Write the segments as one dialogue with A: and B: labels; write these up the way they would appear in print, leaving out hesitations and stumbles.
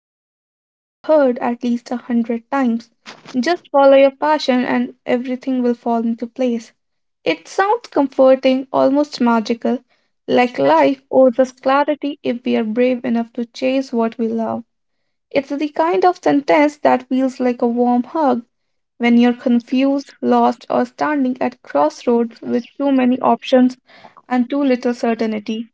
A: sentence we have all heard at least a hundred times. Just follow your passion and everything will fall into place. It sounds comforting, almost magical, like life owes us clarity if we are brave enough to chase what we love. It's the kind of sentence that feels like a warm hug when you're confused, lost, or standing at crossroads with too many options and too little certainty.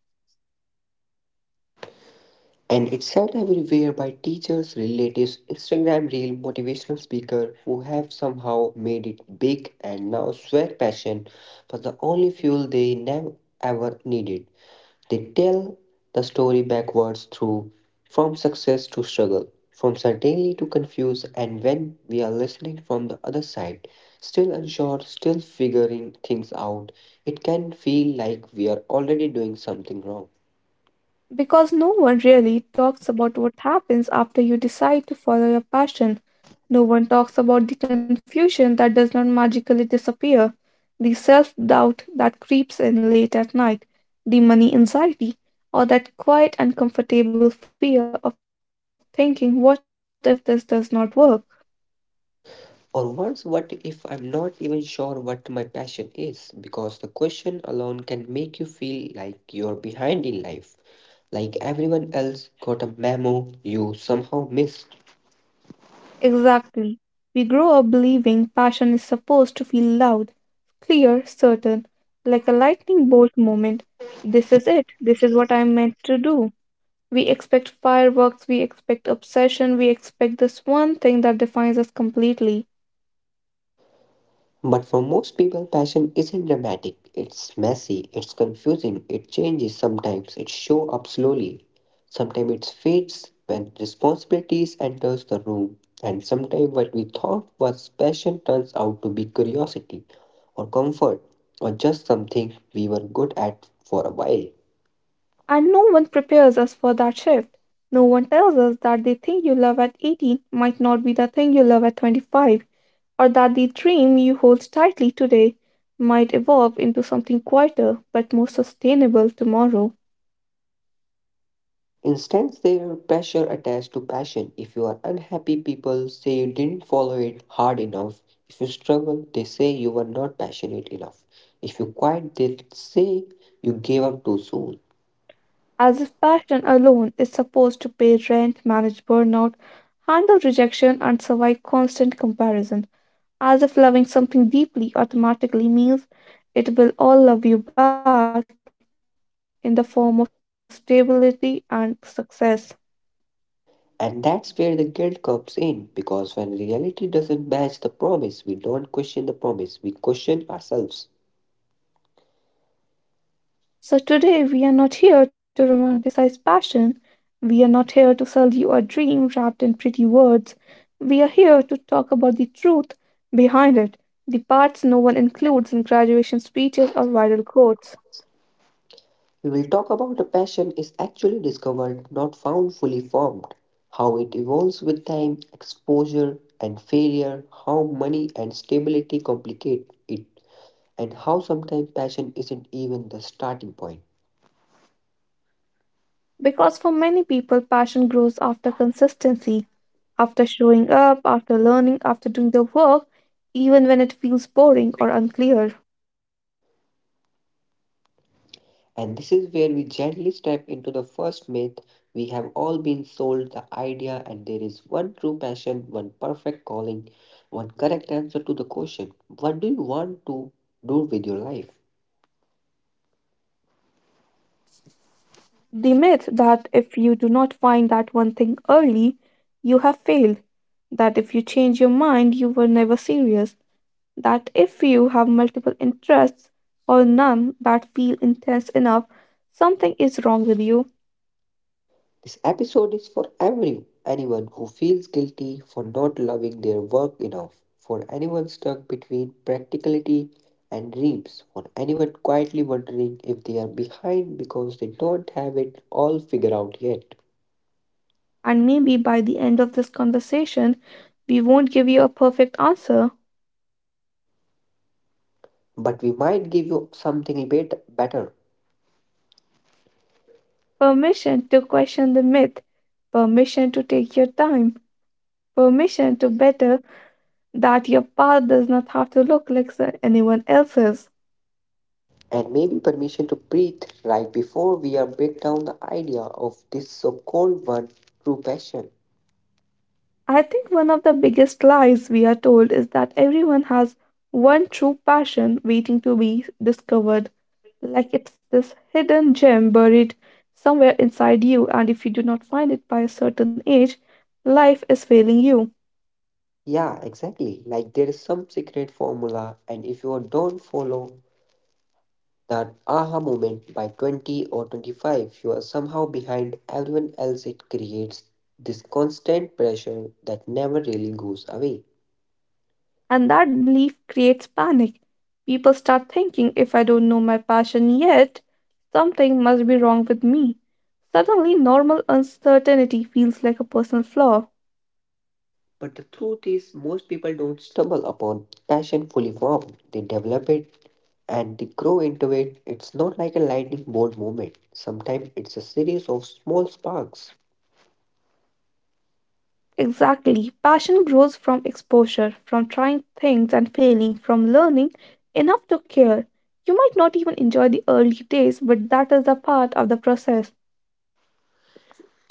B: And it's shared everywhere by teachers, relatives, Instagram reel, motivational speaker who have somehow made it big and now swear passion for the only fuel they never ever needed. They tell the story backwards through from success to struggle, from certainty to confuse, and when we are listening from the other side, still unsure, still figuring things out, it can feel like we are already doing something wrong.
A: Because no one really talks about what happens after you decide to follow your passion. No one talks about the confusion that does not magically disappear, the self doubt that creeps in late at night, the money anxiety, or that quiet, uncomfortable fear of thinking, what if this does not work?
B: Or worse, what if I'm not even sure what my passion is? Because the question alone can make you feel like you're behind in life, like everyone else got a memo you somehow missed.
A: Exactly. We grow up believing passion is supposed to feel loud, clear, certain, like a lightning bolt moment. This is it. This is what I'm meant to do. We expect fireworks, we expect obsession, we expect this one thing that defines us completely.
B: But for most people, passion isn't dramatic. It's messy, it's confusing, it changes sometimes, it shows up slowly. Sometimes it fades when responsibilities enters the room, and sometimes what we thought was passion turns out to be curiosity or comfort or just something we were good at for a while.
A: And no one prepares us for that shift. No one tells us that the thing you love at 18 might not be the thing you love at 25, or that the dream you hold tightly today might evolve into something quieter but more sustainable tomorrow.
B: Instance, there pressure attached to passion. If you are unhappy, people say you didn't follow it hard enough. If you struggle, they say you were not passionate enough. If you quit, they say you gave up too soon.
A: As if passion alone is supposed to pay rent, manage burnout, handle rejection, and survive constant comparison. As if loving something deeply automatically means it will all love you back in the form of stability and success.
B: And that's where the guilt comes in because when reality doesn't match the promise, we don't question the promise, we question ourselves.
A: So, today we are not here to romanticize passion. We are not here to sell you a dream wrapped in pretty words. We are here to talk about the truth behind it, the parts no one includes in graduation speeches or viral quotes.
B: We will talk about a passion is actually discovered, not found fully formed, how it evolves with time, exposure and failure, how money and stability complicate it, and how sometimes passion isn't even the starting point.
A: Because for many people, passion grows after consistency, after showing up, after learning, after doing the work, even when it feels boring or unclear.
B: And this is where we gently step into the first myth. We have all been sold the idea, and there is one true passion, one perfect calling, one correct answer to the question, what do you want to do with your life?
A: The myth that if you do not find that one thing early, you have failed, that if you change your mind, you were never serious, that if you have multiple interests or none that feel intense enough, something is wrong with you.
B: This episode is for every anyone who feels guilty for not loving their work enough, for anyone stuck between practicality and dreams, for anyone quietly wondering if they are behind because they don't have it all figured out yet.
A: And maybe by the end of this conversation, we won't give you a perfect answer.
B: But we might give you something bit better,
A: Permission to question the myth, permission to take your time, permission to better that your path does not have to look like anyone else's.
B: and maybe permission to breathe right before we are break down the idea of this so-called one true passion.
A: I think one of the biggest lies we are told is that everyone has one true passion waiting to be discovered, like it's this hidden gem buried somewhere inside you, and if you do not find it by a certain age, life is failing you.
B: Yeah, exactly. Like there is some secret formula, and if you don't follow that aha moment by 20 or 25, you are somehow behind everyone else. It creates this constant pressure that never really goes away.
A: And that belief creates panic. People start thinking if I don't know my passion yet, something must be wrong with me. Suddenly, normal uncertainty feels like a personal flaw.
B: But the truth is most people don't stumble upon passion fully formed. They develop it and they grow into it. It's not like a lightning bolt moment. Sometimes it's a series of small sparks.
A: Exactly. Passion grows from exposure, from trying things and failing, from learning enough to care. You might not even enjoy the early days, but that is a part of the process.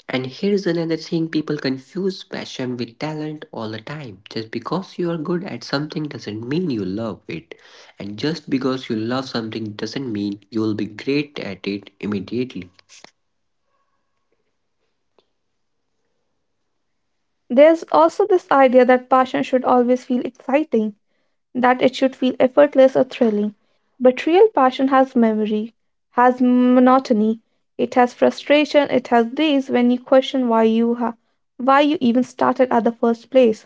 B: And here's another thing, people confuse passion with talent all the time. Just because you are good at something doesn't mean you love it. And just because you love something doesn't mean you'll be great at it immediately.
A: There's also this idea that passion should always feel exciting, that it should feel effortless or thrilling. But real passion has memory, has monotony, it has frustration, it has days when you question why you ha- why you even started at the first place.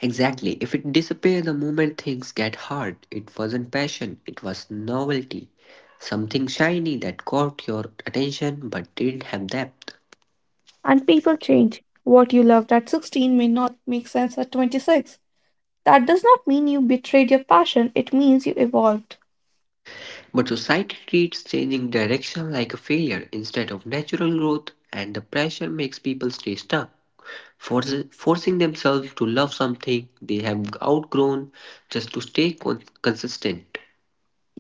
B: Exactly. If it disappears the moment things get hard, it wasn't passion, it was novelty. Something shiny that caught your attention but didn't have depth.
A: And people change. What you loved at 16 may not make sense at 26. That does not mean you betrayed your passion, it means you evolved.
B: But society treats changing direction like a failure instead of natural growth, and the pressure makes people stay stuck, forcing themselves to love something they have outgrown just to stay consistent.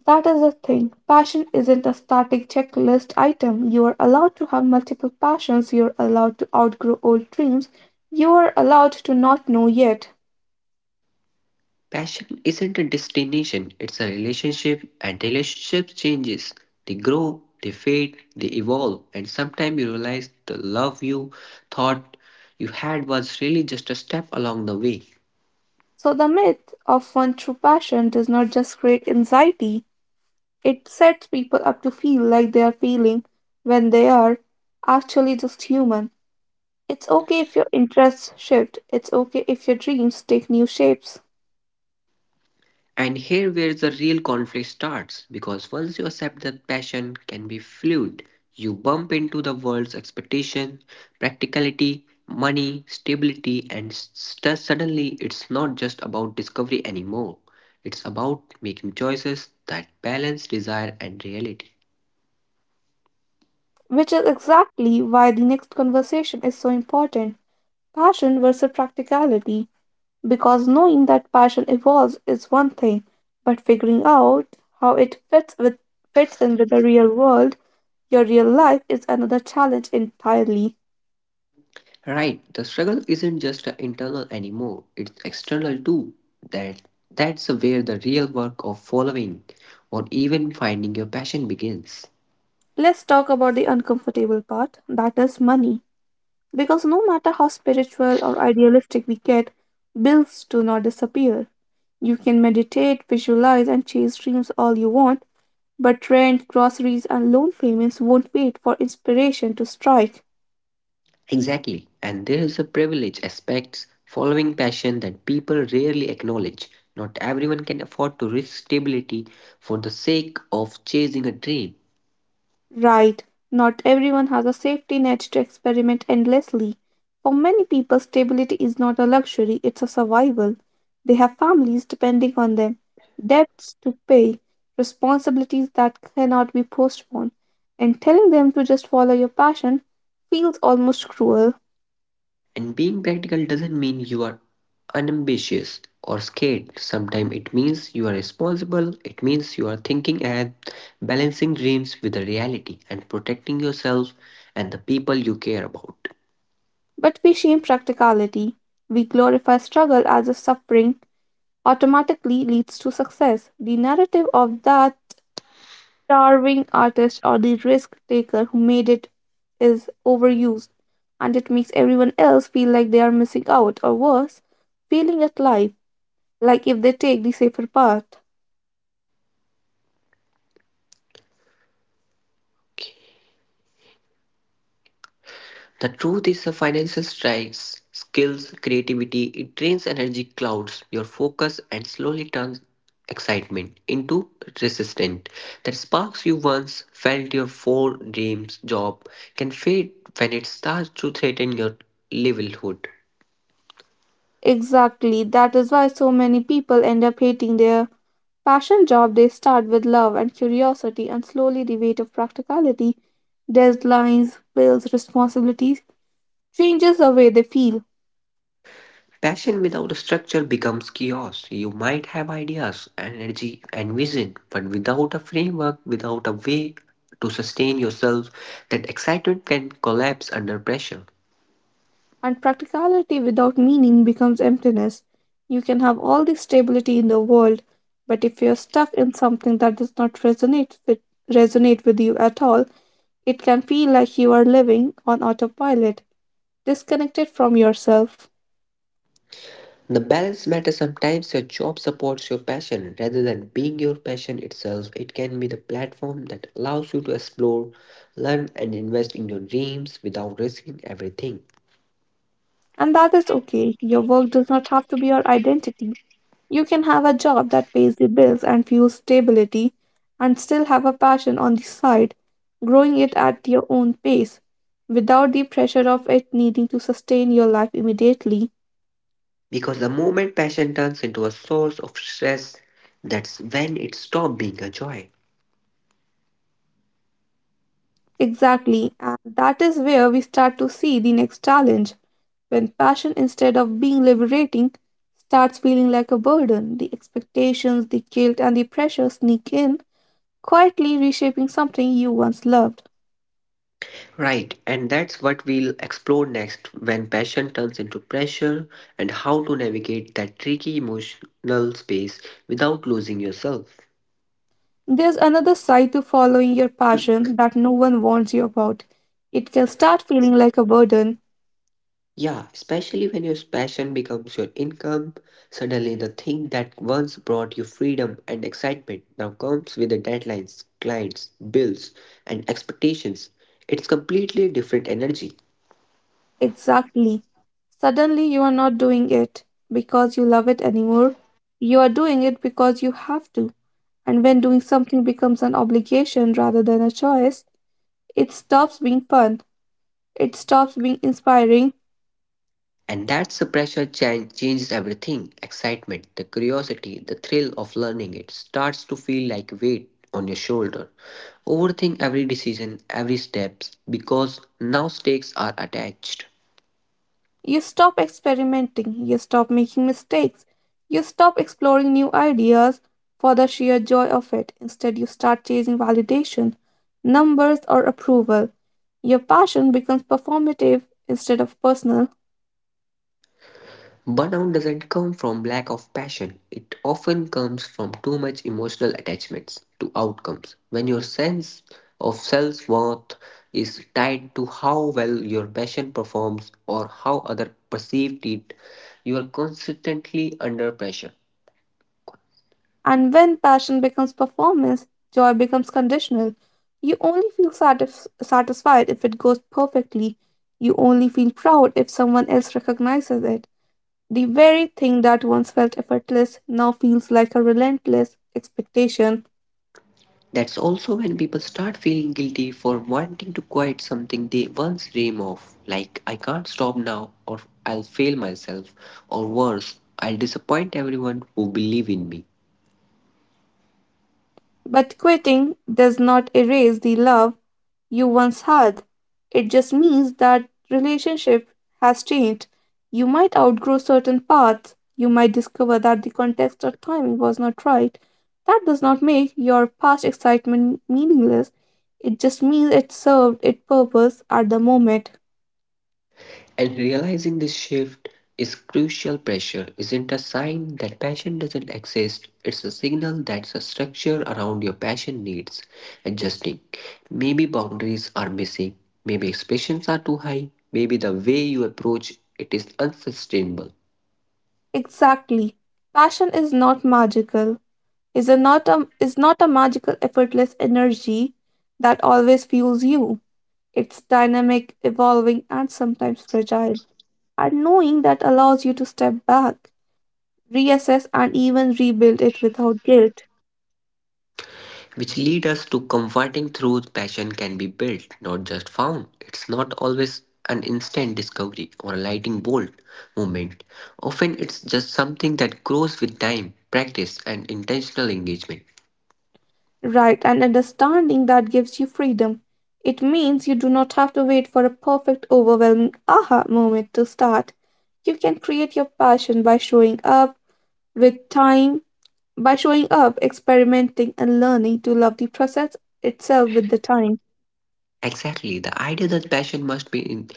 A: That is the thing. Passion isn't a static checklist item. You are allowed to have multiple passions, you are allowed to outgrow old dreams, you are allowed to not know yet.
B: Passion isn't a destination, it's a relationship, and relationships changes. They grow, they fade, they evolve, and sometimes you realize the love you thought you had was really just a step along the way.
A: So, the myth of one true passion does not just create anxiety, it sets people up to feel like they are feeling when they are actually just human. It's okay if your interests shift. It's okay if your dreams take new shapes.
B: And here where the real conflict starts, because once you accept that passion can be fluid, you bump into the world's expectation, practicality, money, stability, and suddenly it's not just about discovery anymore. It's about making choices that balance desire and reality.
A: Which is exactly why the next conversation is so important, passion versus practicality. Because knowing that passion evolves is one thing, but figuring out how it fits, with, fits in with the real world, your real life, is another challenge entirely.
B: Right, the struggle isn't just a internal anymore, it's external too. That that's where the real work of following or even finding your passion begins.
A: Let's talk about the uncomfortable part that is money. Because no matter how spiritual or idealistic we get, bills do not disappear. You can meditate, visualize, and chase dreams all you want, but rent, groceries, and loan payments won't wait for inspiration to strike.
B: Exactly, and there is a privilege aspects following passion that people rarely acknowledge. Not everyone can afford to risk stability for the sake of chasing a dream.
A: Right, not everyone has a safety net to experiment endlessly. For many people, stability is not a luxury, it's a survival. They have families depending on them, debts to pay, responsibilities that cannot be postponed, and telling them to just follow your passion feels almost cruel.
B: And being practical doesn't mean you are unambitious or scared. Sometimes it means you are responsible, it means you are thinking ahead, balancing dreams with the reality, and protecting yourself and the people you care about.
A: But we shame practicality. We glorify struggle as if suffering automatically leads to success. The narrative of that starving artist or the risk taker who made it is overused, and it makes everyone else feel like they are missing out, or worse, feeling at life, like if they take the safer path.
B: The truth is, a financial strikes skills, creativity. It drains energy, clouds your focus, and slowly turns excitement into resistance. The sparks you once felt your four dreams job can fade when it starts to threaten your livelihood.
A: Exactly, that is why so many people end up hating their passion job. They start with love and curiosity, and slowly the weight of practicality, deadlines, bills, responsibilities changes the way they feel.
B: Passion without a structure becomes chaos. You might have ideas, energy, and vision, but without a framework, without a way to sustain yourself, that excitement can collapse under pressure.
A: And practicality without meaning becomes emptiness. You can have all the stability in the world, but if you're stuck in something that does not resonate with you at all, it can feel like you are living on autopilot, disconnected from yourself.
B: The balance matters, sometimes your job supports your passion rather than being your passion itself. It can be the platform that allows you to explore, learn, and invest in your dreams without risking everything.
A: And that is okay. Your work does not have to be your identity. You can have a job that pays your bills and fuels stability and still have a passion on the side, growing it at your own pace without the pressure of it needing to sustain your life immediately.
B: Because the moment passion turns into a source of stress, that's when it stops being a joy.
A: Exactly, and that is where we start to see the next challenge. When passion, instead of being liberating, starts feeling like a burden, the expectations, the guilt, and the pressure sneak in, quietly reshaping something you once loved.
B: Right, and that's what we'll explore next, when passion turns into pressure and how to navigate that tricky emotional space without losing yourself.
A: There's another side to following your passion that no one warns you about. It can start feeling like a burden.
B: Yeah, especially when your passion becomes your income, suddenly the thing that once brought you freedom and excitement now comes with the deadlines, clients, bills, and expectations. It's completely different energy.
A: Exactly. Suddenly, you are not doing it because you love it anymore. You are doing it because you have to. And when doing something becomes an obligation rather than a choice, it stops being fun. It stops being inspiring.
B: And that's the pressure changes everything. Excitement, the curiosity, the thrill of learning, it starts to feel like weight on your shoulder. Overthink every decision, every steps because now stakes are attached.
A: You stop experimenting, you stop making mistakes, you stop exploring new ideas for the sheer joy of it. Instead, you start chasing validation, numbers, or approval. Your passion becomes performative instead of personal.
B: Burnout doesn't come from lack of passion. It often comes from too much emotional attachments to outcomes. When your sense of self worth is tied to how well your passion performs or how others perceived it, you are constantly under pressure.
A: And when passion becomes performance, joy becomes conditional. You only feel satisfied if it goes perfectly. You only feel proud if someone else recognizes it. The very thing that once felt effortless now feels like a relentless expectation.
B: That's also when people start feeling guilty for wanting to quit something they once dreamed of, like I can't stop now, or I'll fail myself, or worse, I'll disappoint everyone who believe in me.
A: But quitting does not erase the love you once had. It just means that relationship has changed. You might outgrow certain paths. You might discover that the context or timing was not right. That does not make your past excitement meaningless. It just means it served its purpose at the moment.
B: And realizing this shift is crucial, pressure isn't a sign that passion doesn't exist, it's a signal that the structure around your passion needs adjusting. Maybe boundaries are missing, maybe expectations are too high, maybe the way you approach it is unsustainable.
A: Exactly. Passion is not magical. is a not a is not a magical effortless energy that always fuels you. It's dynamic, evolving and sometimes fragile. And knowing that allows you to step back, reassess and even rebuild it without guilt.
B: Which lead us to comforting, through passion can be built, not just found. It's not always an instant discovery or a lightning bolt moment. Often it's just something that grows with time, practice, and intentional engagement.
A: Right, and understanding that gives you freedom. It means you do not have to wait for a perfect overwhelming aha moment to start. You can create your passion with time by showing up, experimenting, and learning to love the process itself with the time.
B: Exactly, the idea that passion must be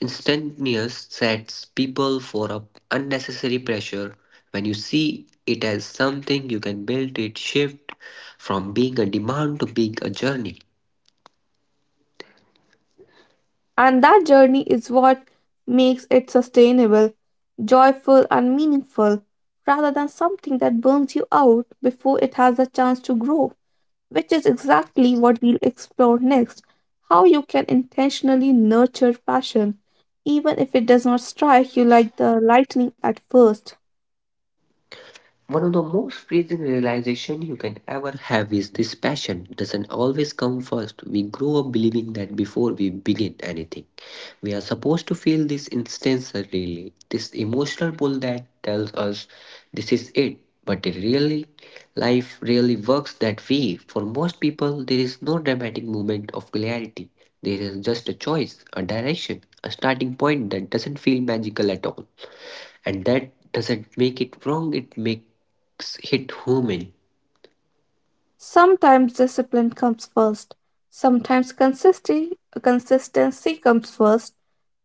B: instantaneous sets people for a unnecessary pressure. When you see it as something you can build, it shift from being a demand to being a journey.
A: And that journey is what makes it sustainable, joyful, and meaningful, rather than something that burns you out before it has a chance to grow, which is exactly what we'll explore next, how you can intentionally nurture passion, even if it does not strike you like the lightning at first.
B: One of the most freezing realization you can ever have is this, passion doesn't always come first. We grow up believing that before we begin anything, we are supposed to feel this instance really, this emotional pull that tells us this is it. But it really, life really works that way. For most people, there is no dramatic moment of clarity. There is just a choice, a direction, a starting point that doesn't feel magical at all, and that doesn't make it wrong, it makes it human.
A: Sometimes discipline comes first, sometimes consistency comes first.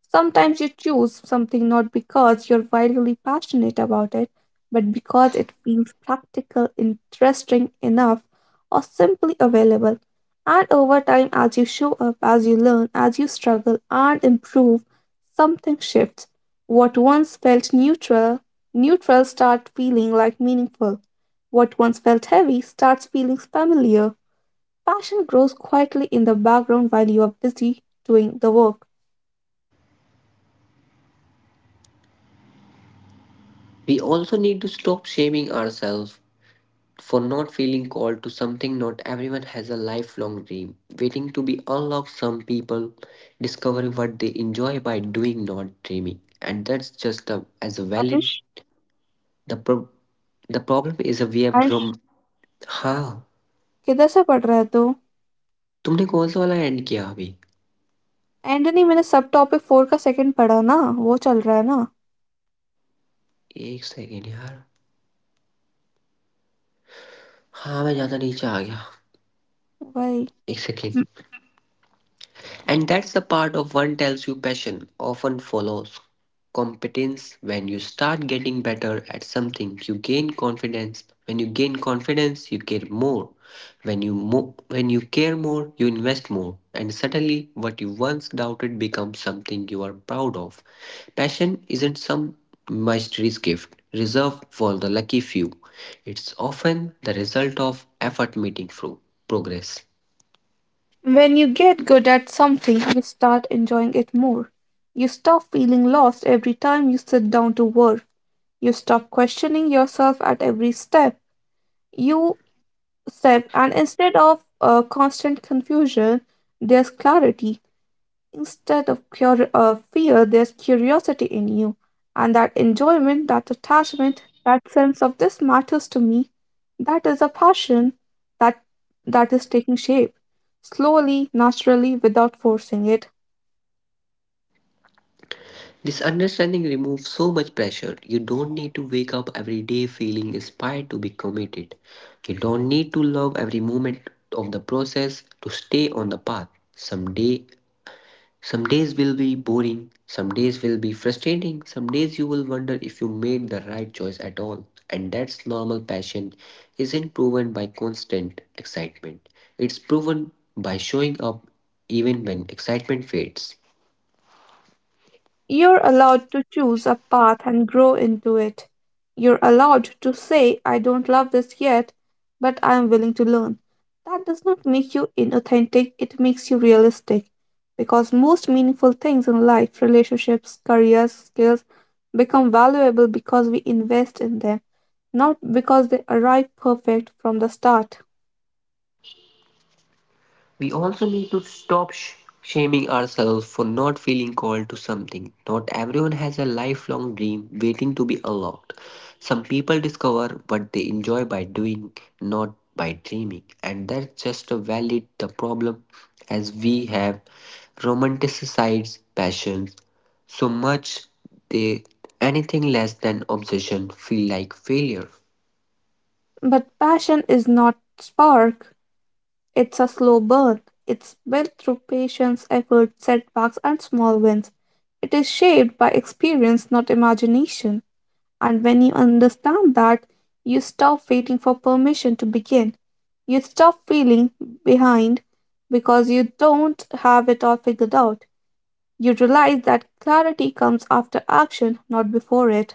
A: Sometimes you choose something not because you're wildly passionate about it, but because it feels practical, interesting enough, or simply available. And over time, as you show up, as you learn, as you struggle and improve, something shifts. What once felt neutral start feeling like meaningful. What once felt heavy starts feeling familiar. Passion grows quietly in the background while you are busy doing the work.
B: We also need to stop shaming ourselves for not feeling called to something. Not everyone has a lifelong dream waiting to be unlocked. Some people discover what they enjoy by doing, not dreaming, and that's just a, as a valid,
A: Ayush,
B: the pro- the problem is a we have from हाँ.
A: किधर से पढ़ रहा है तू?
B: तुमने कौन सा वाला एंड किया अभी?
A: एंटनी मैंने सब टॉपिक 4 का सेकंड पढ़ा ना वो चल रहा है ना
B: एक सेकेंड यार. हाँ मैं ज्यादा नीचे आ गया.
A: भाई.
B: एक second. And that's the part of one tells you, passion often follows competence. When you start getting better at something, you gain confidence. When you gain confidence, you care more. When you care more, you invest more. And suddenly what you once doubted becomes something you are proud of. Passion isn't some mysterious gift reserved for the lucky few. It's often the result of effort meeting through progress.
A: When you get good at something, you start enjoying it more. You stop feeling lost every time you sit down to work. You stop questioning yourself at every step. You step, and instead of constant confusion, there's clarity. Instead of fear, there's curiosity in you. And that enjoyment, that attachment, that sense of this matters to me, that is a passion that that is taking shape slowly, naturally, without forcing it.
B: This understanding removes so much pressure. You don't need to wake up every day feeling inspired to be committed. You don't need to love every moment of the process to stay on the path. Some day, some days will be boring, some days will be frustrating, some days you will wonder if you made the right choice at all. And that's normal, passion isn't proven by constant excitement. It's proven by showing up even when excitement fades.
A: You're allowed to choose a path and grow into it. You're allowed to say, I don't love this yet, but I am willing to learn. That does not make you inauthentic, it makes you realistic. Because most meaningful things in life, relationships, careers, skills, become valuable because we invest in them, not because they arrive perfect from the start.
B: We also need to stop shaming ourselves for not feeling called to something. Not everyone has a lifelong dream waiting to be unlocked. Some people discover what they enjoy by doing, not by dreaming, and that's just a valid, the problem as we have romanticized passions so much, they anything less than obsession feel like failure.
A: But passion is not spark, it's a slow burn. It's built through patience, effort, setbacks, and small wins. It is shaped by experience, not imagination. And when you understand that, you stop waiting for permission to begin. You stop feeling behind because you don't have it all figured out. You realize that clarity comes after action, not before it.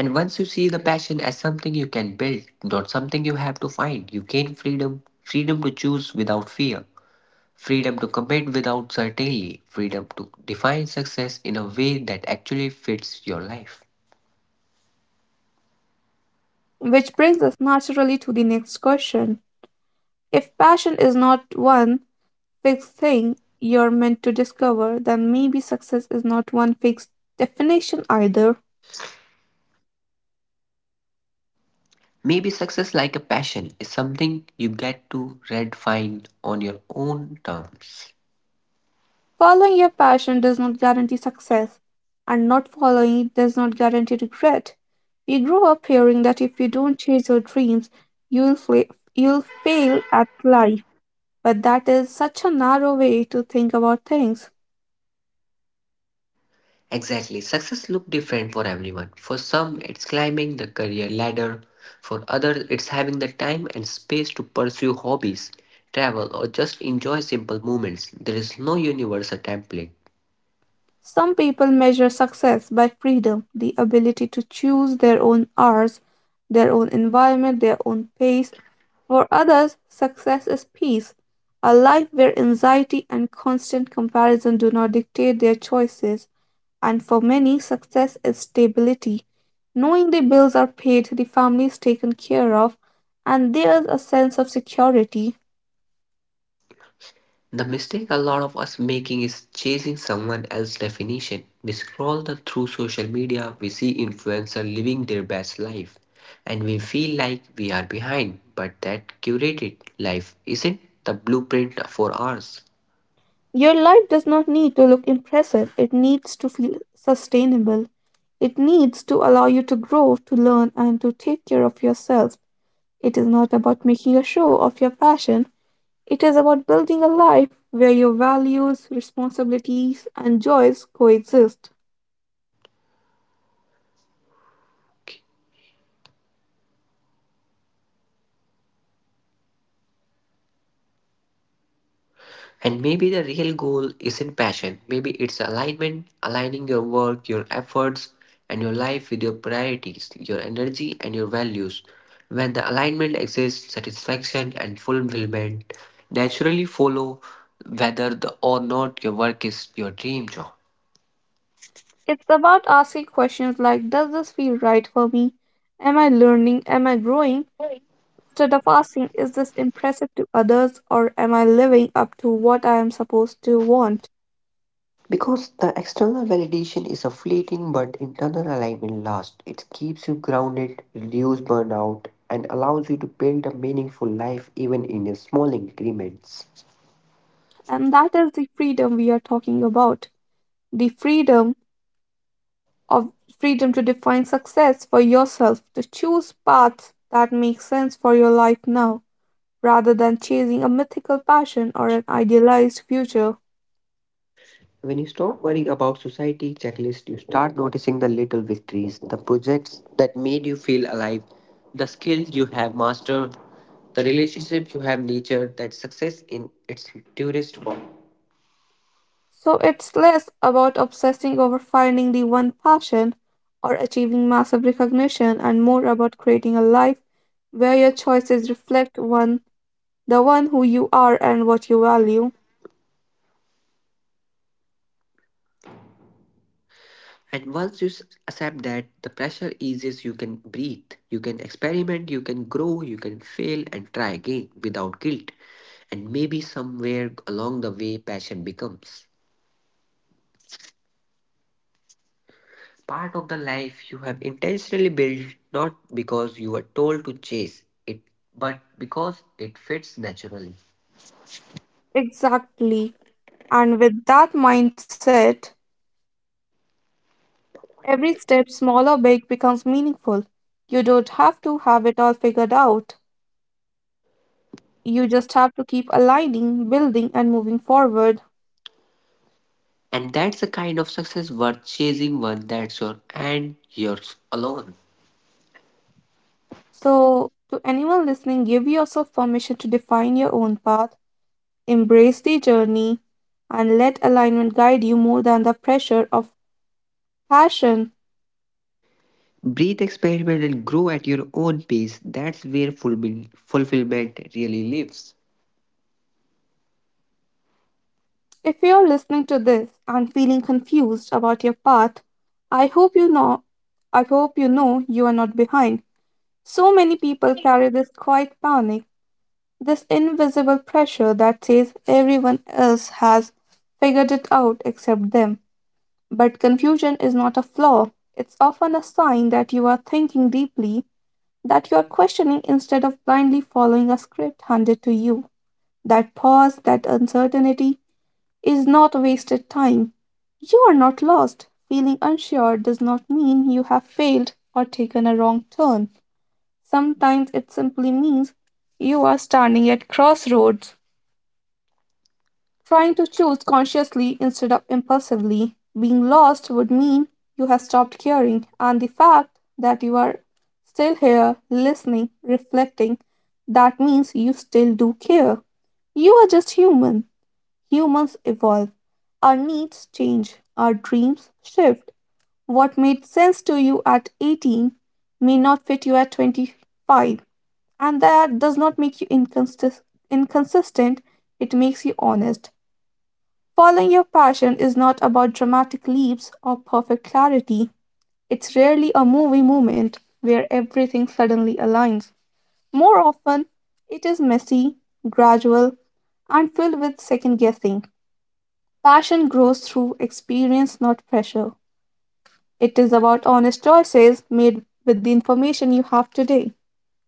B: And once you see the passion as something you can build, not something you have to find, you gain freedom to choose without fear, freedom to commit without certainty, freedom to define success in a way that actually fits your life.
A: Which brings us naturally to the next question. If passion is not one fixed thing you're meant to discover, then maybe success is not one fixed definition either.
B: Maybe success like a passion is something you get to redefine on your own terms.
A: Following your passion does not guarantee success, and not following it does not guarantee regret. We grew up hearing that if you don't chase your dreams, you'll fail at life. But that is such a narrow way to think about things.
B: Exactly. Success look different for everyone. For some, it's climbing the career ladder. For others, it's having the time and space to pursue hobbies, travel, or just enjoy simple moments. There is no universal template.
A: Some people measure success by freedom, the ability to choose their own hours, their own environment, their own pace. For others, success is peace, a life where anxiety and constant comparison do not dictate their choices. And for many, success is stability, knowing the bills are paid, the family is taken care of, and there is a sense of security.
B: The mistake a lot of us making is chasing someone else's definition. We scroll through social media, we see influencers living their best life, and we feel like we are behind. But that curated life isn't the blueprint for ours.
A: Your life does not need to look impressive, it needs to feel sustainable. It needs to allow you to grow, to learn, and to take care of yourself. It is not about making a show of your passion, it is about building a life where your values, responsibilities, and joys coexist.
B: And maybe the real goal isn't passion. Maybe it's alignment, aligning your work, your efforts, and your life with your priorities, your energy, and your values. When the alignment exists, satisfaction and fulfillment naturally follow whether or not your work is your dream job.
A: It's about asking questions like, does this feel right for me? Am I learning? Am I growing? Instead of asking, is this impressive to others? Or am I living up to what I am supposed to want?
B: Because the external validation is a fleeting but internal alignment lasts. It keeps you grounded, reduces burnout, and allows you to build a meaningful life even in your small increments.
A: And that is the freedom we are talking about. The of freedom to define success for yourself, to choose paths that make sense for your life now, rather than chasing a mythical passion or an idealized future.
B: When you stop worrying about society checklist, you start noticing the little victories, the projects that made you feel alive, the skills you have mastered, the relationship you have nurtured, that success in its purest form.
A: So it's less about obsessing over finding the one passion or achieving massive recognition, and more about creating a life where your choices reflect one the one who you are and what you value.
B: And once you accept that, the pressure eases, you can breathe, you can experiment, you can grow, you can fail and try again without guilt. And maybe somewhere along the way, passion becomes. Part of the life you have intentionally built not because you were told to chase it, but because it fits naturally.
A: Exactly. And with that mindset, every step, small or big, becomes meaningful. You don't have to have it all figured out. You just have to keep aligning, building, and moving forward.
B: And that's the kind of success worth chasing one that's your and yours alone.
A: So, to anyone listening, give yourself permission to define your own path, embrace the journey, and let alignment guide you more than the pressure of passion.
B: Breathe, experiment, and grow at your own pace. That's where fulfillment really lives.
A: If you're listening to this and feeling confused about your path, I hope you know I hope you know you are not behind. So many people carry this quiet panic, this invisible pressure that says everyone else has figured it out except them. But confusion is not a flaw, it's often a sign that you are thinking deeply, that you are questioning instead of blindly following a script handed to you. That pause, that uncertainty is not wasted time. You are not lost. Feeling unsure does not mean you have failed or taken a wrong turn. Sometimes it simply means you are standing at crossroads, trying to choose consciously instead of impulsively. Being lost would mean you have stopped caring, and the fact that you are still here, listening, reflecting, that means you still do care. You are just human. Humans evolve. Our needs change, our dreams shift. What made sense to you at 18 may not fit you at 25, and that does not make you inconsistent, it makes you honest. Following your passion is not about dramatic leaps or perfect clarity. It's rarely a movie moment where everything suddenly aligns. More often, it is messy, gradual, and filled with second guessing. Passion grows through experience, not pressure. It is about honest choices made with the information you have today.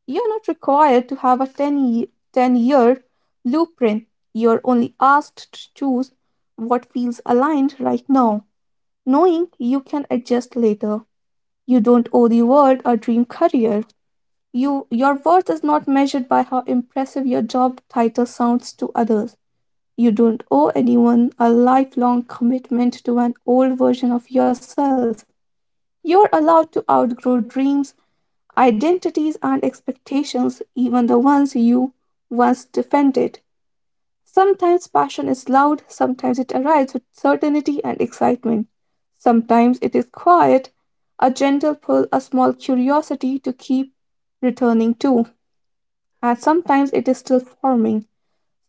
A: You're not required to have a 10-year blueprint. You're only asked to choose what feels aligned right now, knowing you can adjust later. You don't owe the world a dream career. Your worth is not measured by how impressive your job title sounds to others. You don't owe anyone a lifelong commitment to an old version of yourself. You're allowed to outgrow dreams, identities, and expectations, even the ones you once defended. Sometimes passion is loud, sometimes it arrives with certainty and excitement. Sometimes it is quiet, a gentle pull, a small curiosity to keep returning to. And sometimes it is still forming,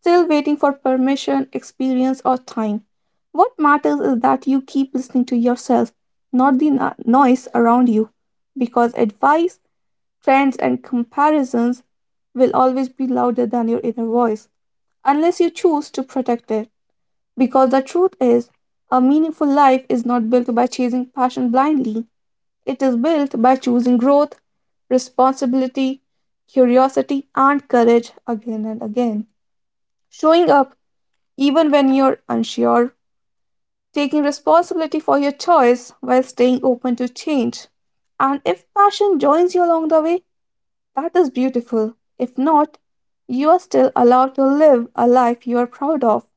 A: still waiting for permission, experience, or time. What matters is that you keep listening to yourself, not the noise around you, because advice, trends, and comparisons will always be louder than your inner voice, unless you choose to protect it. Because the truth is, a meaningful life is not built by chasing passion blindly, it is built by choosing growth, responsibility, curiosity, and courage again and again. Showing up even when you're unsure, taking responsibility for your choice while staying open to change. And if passion joins you along the way, that is beautiful. If not, you are still allowed to live a life you are proud of.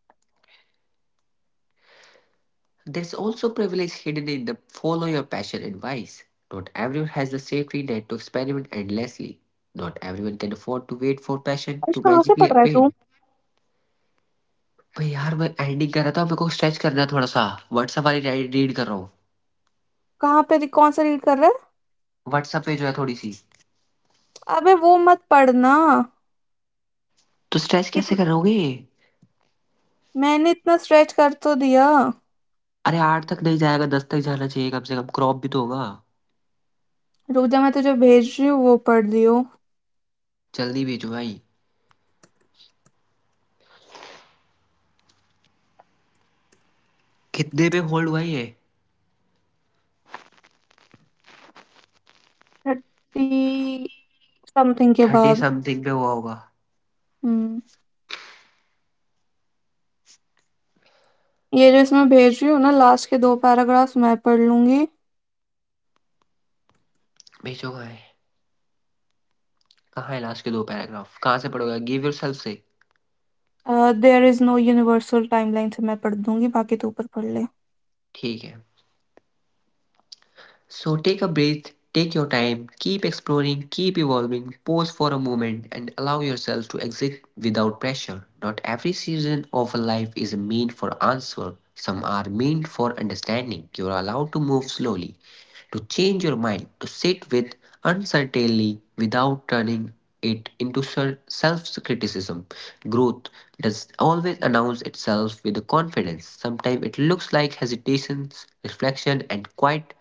B: There's also privilege hidden in the follow your passion advice. Not everyone has the safety net to experiment endlessly. Not everyone can afford to wait for passion
A: अर्श
B: to
A: कहाँ से
B: magically
A: पढ़ रहा है तू?
B: appear. भाई यार मैं एडिटिंग कर रहा था मेरे को स्ट्रेच करना है थोड़ा सा व्हाट्सएप वाली रीड कर रहा हूँ
A: कहाँ पे कौन सा रीड कर रहा है?
B: व्हाट्सएप पे जो है थोड़ी सी
A: अबे वो मत पढ़ना.
B: तो स्ट्रेच कैसे
A: कित-
B: करोगे
A: मैंने इतना स्ट्रेच कर तो दिया.
B: अरे आठ तक नहीं जाएगा दस तक जाना चाहिए कम से कम क्रॉप भी तो होगा
A: रुक जा, मैं तुझे भेज रही हूँ, वो पढ़ लियो.
B: जल्दी भेजो भाई कितने पे होल्ड हुआ ये
A: थर्टी समथिंग के
B: थर्टी
A: बाद.
B: समथिंग पे हुआ होगा
A: हम्म. ये जो इसमें भेज रही हूँ ना, लास्ट के दो पैराग्राफ्स मैं पढ़ लूंगी.
B: भेजो कहाँ है लास्ट के दो पैराग्राफ कहाँ से पढ़ोगे give yourself say
A: there is no universal timeline से मैं पढ़ दूंगी, बाकी तो ऊपर पढ़ ले.
B: ठीक है. So take a breath, take your time, keep exploring, keep evolving, pause for a moment, and allow yourself to exit without pressure. Not every season of a life is meant for answer, some are meant for understanding. You're allowed to move slowly, to change your mind, to sit with uncertainty without turning it into self criticism. Growth does always announce itself with the confidence. Sometimes it looks like hesitations, reflection, and quiet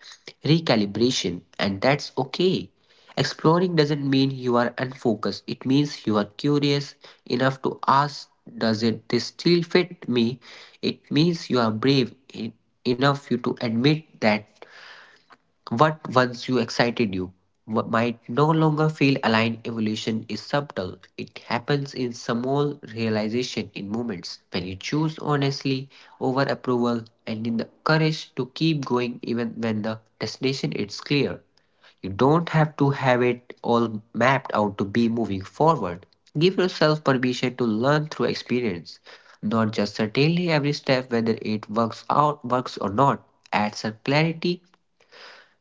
B: recalibration, and that's okay. Exploring doesn't mean you are unfocused, it means you are curious enough to ask, does it this still fit me? It means you are brave enough you to admit that what once you excited you might no longer feel aligned. Evolution is subtle. It happens in small realization in moments when you choose honestly over approval and in the courage to keep going even when the destination is clear. You don't have to have it all mapped out to be moving forward. Give yourself permission to learn through experience, not just certainly every step whether it works out works or not. Adds a clarity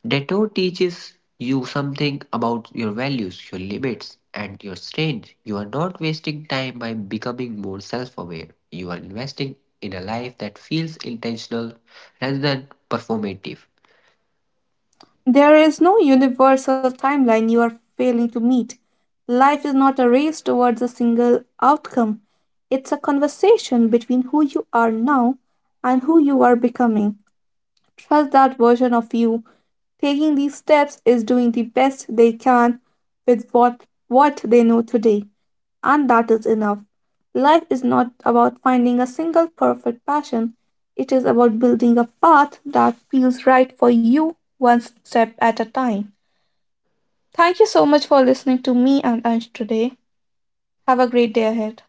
B: Dato teaches you something about your values, your limits, and your strength. You are not wasting time by becoming more self aware. You are investing in a life that feels intentional rather than performative.
A: There is no universal timeline you are failing to meet. Life is not a race towards a single outcome. It's a conversation between who you are now and who you are becoming. Trust that version of you. Taking these steps is doing the best they can with what they know today, and that is enough. Life is not about finding a single perfect passion, it is about building a path that feels right for you one step at a time. Thank you so much for listening to me and Ansh today. Have a great day ahead.